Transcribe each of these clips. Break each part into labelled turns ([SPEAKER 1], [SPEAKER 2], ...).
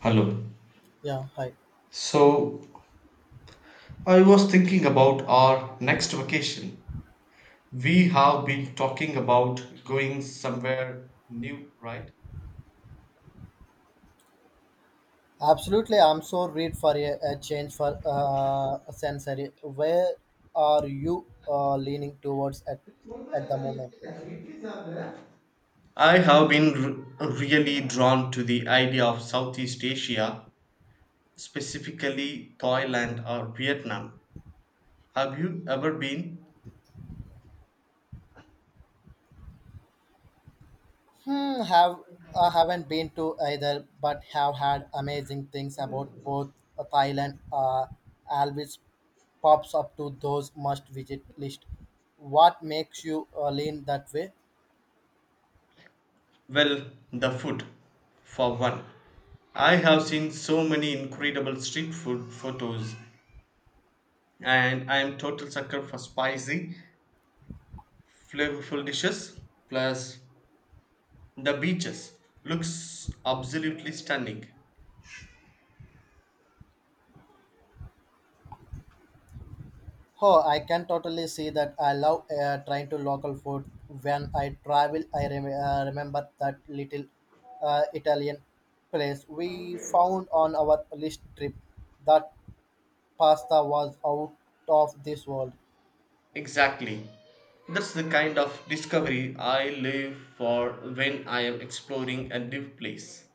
[SPEAKER 1] Hello.
[SPEAKER 2] Yeah, hi.
[SPEAKER 1] So, I was thinking about our next vacation. We have been talking about going somewhere new, right?
[SPEAKER 2] Absolutely, I'm so read for a change for a sensory. Where are you leaning towards at the moment?
[SPEAKER 1] I have been really drawn to the idea of Southeast Asia, specifically Thailand or Vietnam. Have you ever been?
[SPEAKER 2] Hmm, have I haven't been to either, but have had amazing things about both Thailand. Always pops up to those must visit list. What makes you lean that way?
[SPEAKER 1] Well, the food, for one. I have seen so many incredible street food photos, and I am total sucker for spicy flavorful dishes plus the beaches looks absolutely stunning.
[SPEAKER 2] Oh, I can totally see that. I love trying to local food. When I travel, I remember that little Italian place we found on our list trip. That pasta was out of this world.
[SPEAKER 1] Exactly, that's the kind of discovery I live for when I am exploring a new place.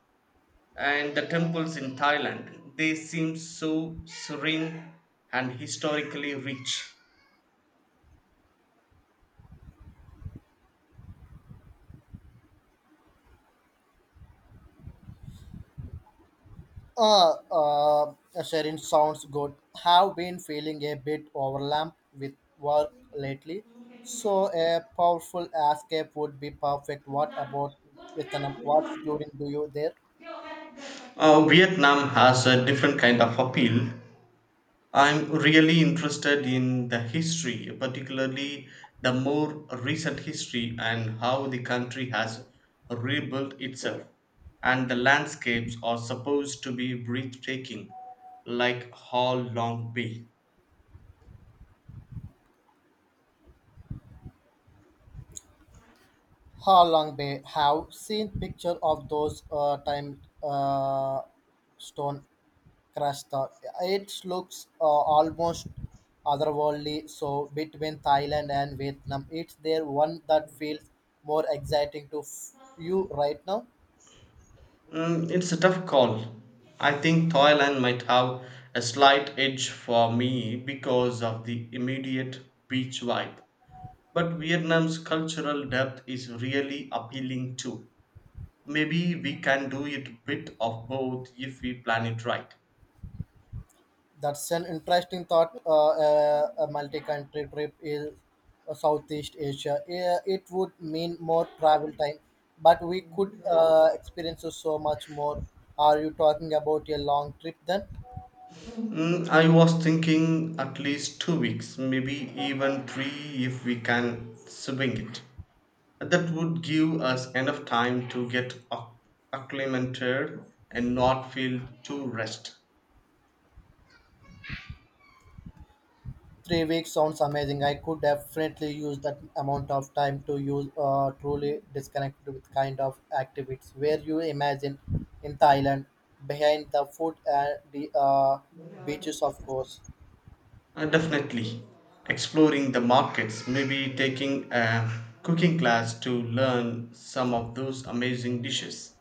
[SPEAKER 1] And the temples in Thailand, they seem so serene and historically rich.
[SPEAKER 2] Uh, uh, Sharing sounds good. Have been feeling a bit overwhelmed with work lately, so a powerful escape would be perfect. What about Vietnam? What's during do you there?
[SPEAKER 1] Vietnam has a different kind of appeal. I'm really interested in the history, particularly the more recent history and how the country has rebuilt itself. And the landscapes are supposed to be breathtaking, like Hall Long Bay.
[SPEAKER 2] Halong Bay have seen picture of those time stone crust. It looks almost otherworldly. So between Thailand and Vietnam, it's there one that feels more exciting to you right now.
[SPEAKER 1] Mm, it's a tough call. I think Thailand might have a slight edge for me because of the immediate beach vibe. But Vietnam's cultural depth is really appealing too. Maybe we can do it bit of both if we plan it right.
[SPEAKER 2] That's an interesting thought. A multi-country trip is Southeast Asia. Yeah, it would mean more travel time, but we could experience so much more. Are you talking about a long trip then?
[SPEAKER 1] Mm, I was thinking at least 2 weeks, maybe even three if we can swing it. That would give us enough time to get acclimated and not feel too rushed.
[SPEAKER 2] 3 weeks sounds amazing. I could definitely use that amount of time to use truly disconnect with kind of activities. Where you imagine in Thailand, behind the food and the beaches, of course.
[SPEAKER 1] Definitely exploring the markets, maybe taking a cooking class to learn some of those amazing dishes.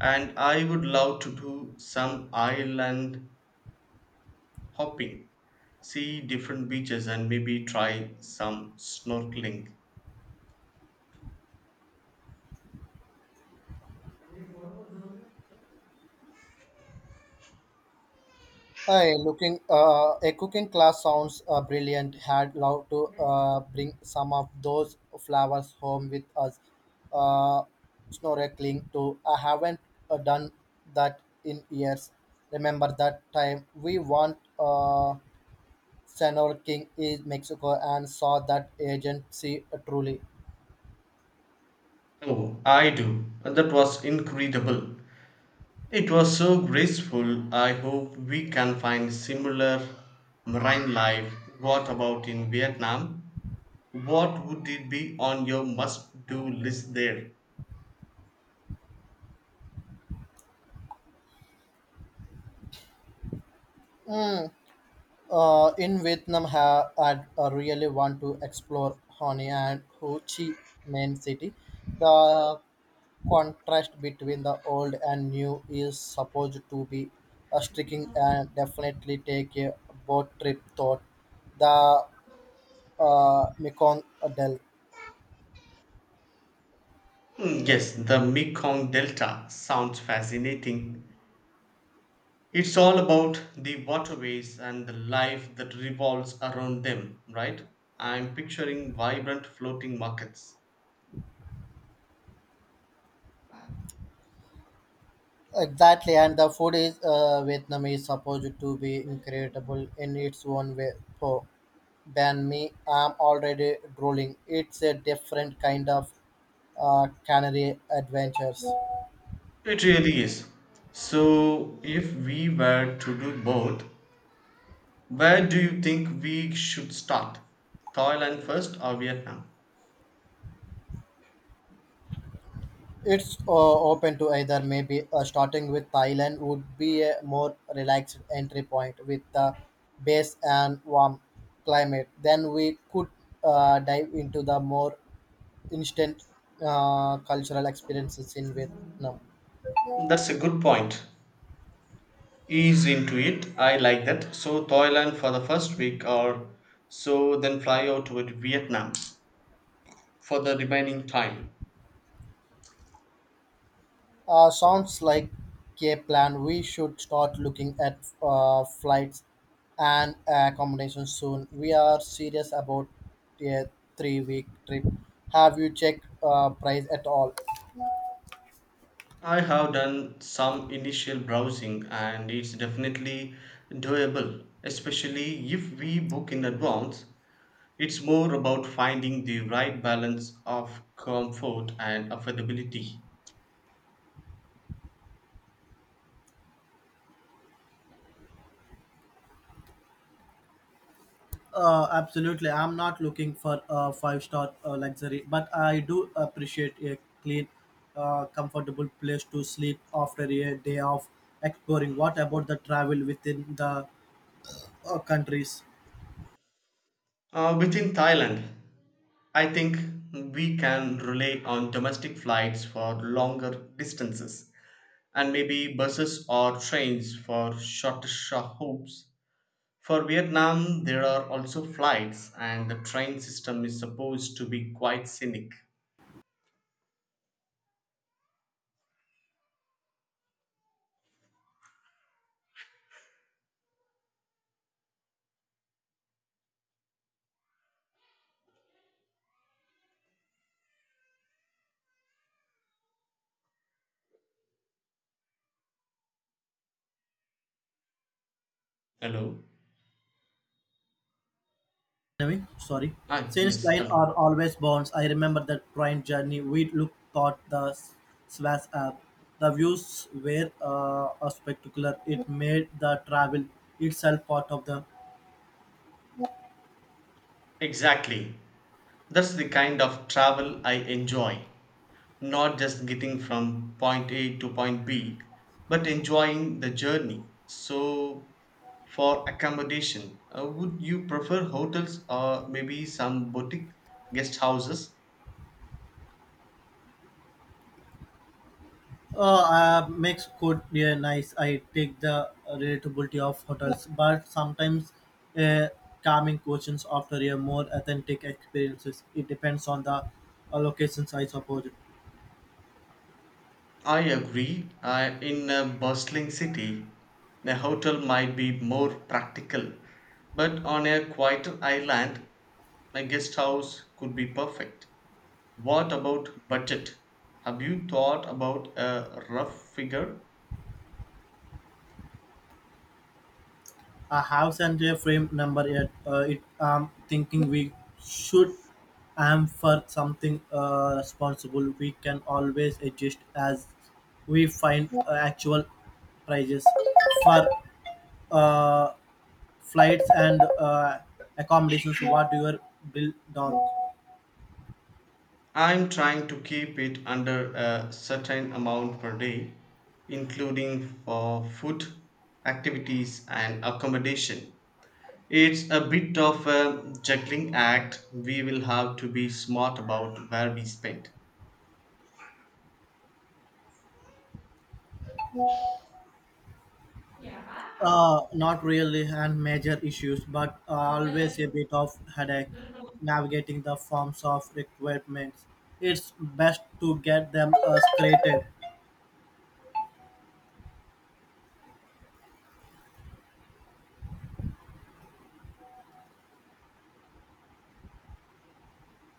[SPEAKER 1] And I would love to do some island hopping, see different beaches and maybe try some snorkeling.
[SPEAKER 2] Hi, looking a cooking class sounds brilliant. Had love to bring some of those flowers home with us. Uh, Snorkeling too. I haven't done that in years. Remember that time we went snorkeling in Mexico and saw that agency truly.
[SPEAKER 1] Oh, I do. And that was incredible. It was so graceful. I hope we can find similar marine life. What about in Vietnam? What would it be on your must do list there?
[SPEAKER 2] Hmm, in Vietnam, I really want to explore Hanoi and Ho Chi Minh City. The contrast between the old and new is supposed to be striking and definitely take a boat trip thought. The Mekong Delta.
[SPEAKER 1] Hmm, yes, the Mekong Delta sounds fascinating. It's all about the waterways and the life that revolves around them, right? I'm picturing vibrant floating markets.
[SPEAKER 2] Exactly, and the food is Vietnam is supposed to be incredible in its own way. So, ban me, I'm already drooling. It's a different kind of canary adventures.
[SPEAKER 1] It really is. So, if we were to do both, where do you think we should start? Thailand first or Vietnam?
[SPEAKER 2] It's open to either maybe starting with Thailand would be a more relaxed entry point with the base and warm climate. Then we could dive into the more instant cultural experiences in Vietnam.
[SPEAKER 1] That's a good point. Ease into it. I like that. So, Thailand for the first week or so, then fly out to Vietnam for the remaining time.
[SPEAKER 2] Sounds like a plan. We should start looking at flights and accommodation soon. We are serious about a 3 week trip. Have you checked price at all?
[SPEAKER 1] I have done some initial browsing and it's definitely doable, especially if we book in advance. It's more about finding the right balance of comfort and affordability.
[SPEAKER 2] Absolutely. I'm not looking for a five star luxury, but I do appreciate a clean, comfortable place to sleep after a day of exploring. What about the travel within the countries?
[SPEAKER 1] Within Thailand, I think we can rely on domestic flights for longer distances and maybe buses or trains for shorter hopes. For Vietnam, there are also flights, and the train system is supposed to be quite scenic. Hello?
[SPEAKER 2] Anyway, sorry.
[SPEAKER 1] Ah,
[SPEAKER 2] Since
[SPEAKER 1] yes,
[SPEAKER 2] thine
[SPEAKER 1] hello.
[SPEAKER 2] are always bonds, I remember that train journey. We looked thought the Swass app. The views were a spectacular. It made the travel itself part of the
[SPEAKER 1] Exactly. That's the kind of travel I enjoy. Not just getting from point A to point B, but enjoying the journey. So, for accommodation, would you prefer hotels or maybe some boutique guest houses?
[SPEAKER 2] makes good, yeah, nice. I take the relatability of hotels, but sometimes uh, calming questions after a more authentic experiences. It depends on the locations, I suppose.
[SPEAKER 1] I agree. In a bustling city, a hotel might be more practical, but on a quieter island, a guest house could be perfect. What about budget? Have you thought about a rough figure?
[SPEAKER 2] A house and a frame number yet. It I'm thinking we should aim for something responsible. We can always adjust as we find actual prices for uh, flights and accommodations. What your bill down?
[SPEAKER 1] I'm trying to keep it under a certain amount per day, including for food, activities, and accommodation. It's a bit of a juggling act. We will have to be smart about where we spend.
[SPEAKER 2] Not really and major issues, but always a bit of headache navigating the forms of requirements. It's best to get them scrated.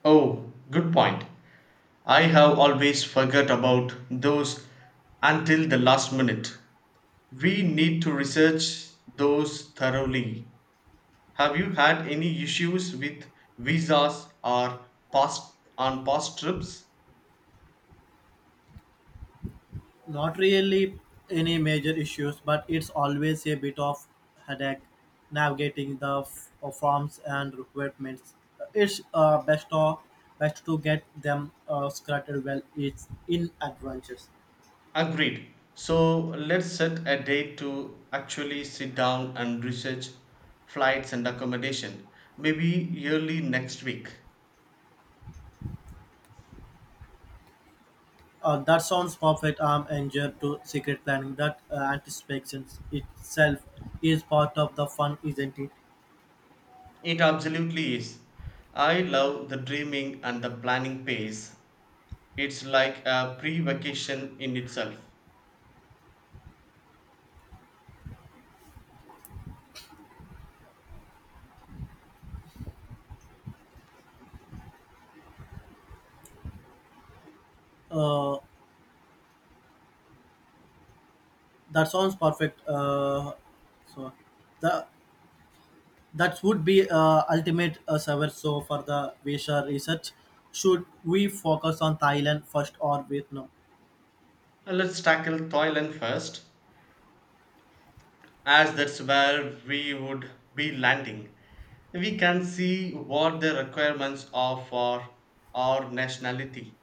[SPEAKER 1] Oh, good point. I have always forgot about those until the last minute. We need to research those thoroughly. Have you had any issues with visas or past on past trips?
[SPEAKER 2] Not really any major issues, but it's always a bit of headache navigating the forms and requirements. It's best to get them scratted well. It's in advance.
[SPEAKER 1] Agreed. So let's set a date to actually sit down and research flights and accommodation. Maybe early next week.
[SPEAKER 2] That sounds perfect. I'm injured to secret planning. That anticipation itself is part of the fun, isn't it?
[SPEAKER 1] It absolutely is. I love the dreaming and the planning phase. It's like a pre vacation in itself.
[SPEAKER 2] Uh, that sounds perfect. So the That would be ultimate server. So for the visa research, should we focus on Thailand first or Vietnam?
[SPEAKER 1] Let's tackle Thailand first, as that's where we would be landing. We can see what the requirements are for our nationality.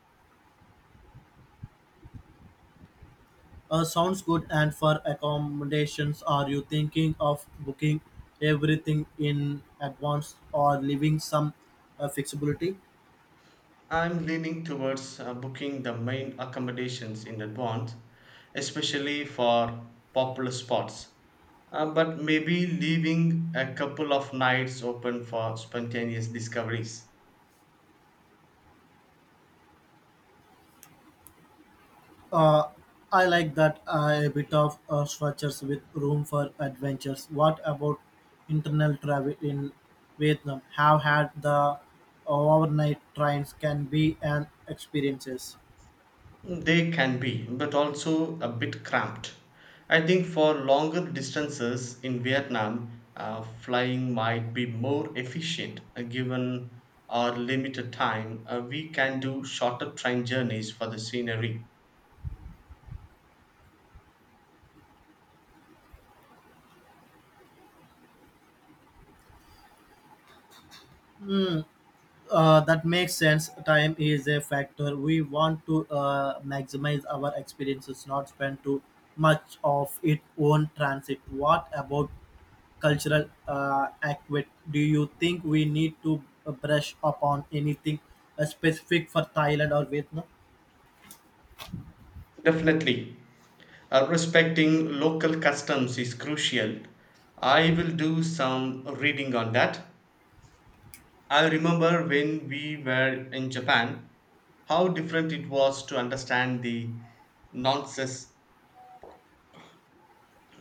[SPEAKER 2] Sounds good. And for accommodations, are you thinking of booking everything in advance or leaving some flexibility?
[SPEAKER 1] I'm leaning towards booking the main accommodations in advance, especially for popular spots. But maybe leaving a couple of nights open for spontaneous discoveries.
[SPEAKER 2] Uh, I like that, a bit of structures with room for adventures. What about internal travel in Vietnam? Have had the overnight trains can be an experiences.
[SPEAKER 1] They can be, but also a bit cramped. I think for longer distances in Vietnam, flying might be more efficient given our limited time. We can do shorter train journeys for the scenery.
[SPEAKER 2] That makes sense. Time is a factor. We want to maximize our experiences, not spend too much of it on transit. What about cultural aspect, do you think we need to brush upon anything specific for Thailand or Vietnam?
[SPEAKER 1] Definitely. Respecting local customs is crucial. I will do some reading on that. I remember when we were in Japan, how different it was to understand the nonsense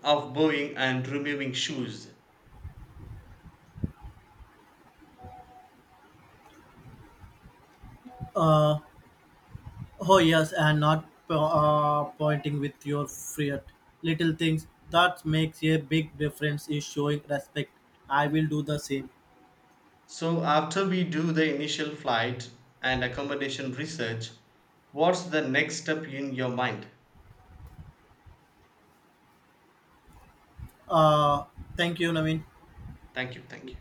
[SPEAKER 1] of bowing and removing shoes.
[SPEAKER 2] Uh, oh yes, and not pointing with your fiat. Little things that makes a big difference is showing respect. I will do the same.
[SPEAKER 1] So, after we do the initial flight and accommodation research, what's the next step in your mind?
[SPEAKER 2] Uh, Thank you, Naveen.
[SPEAKER 1] Thank you. Thank you.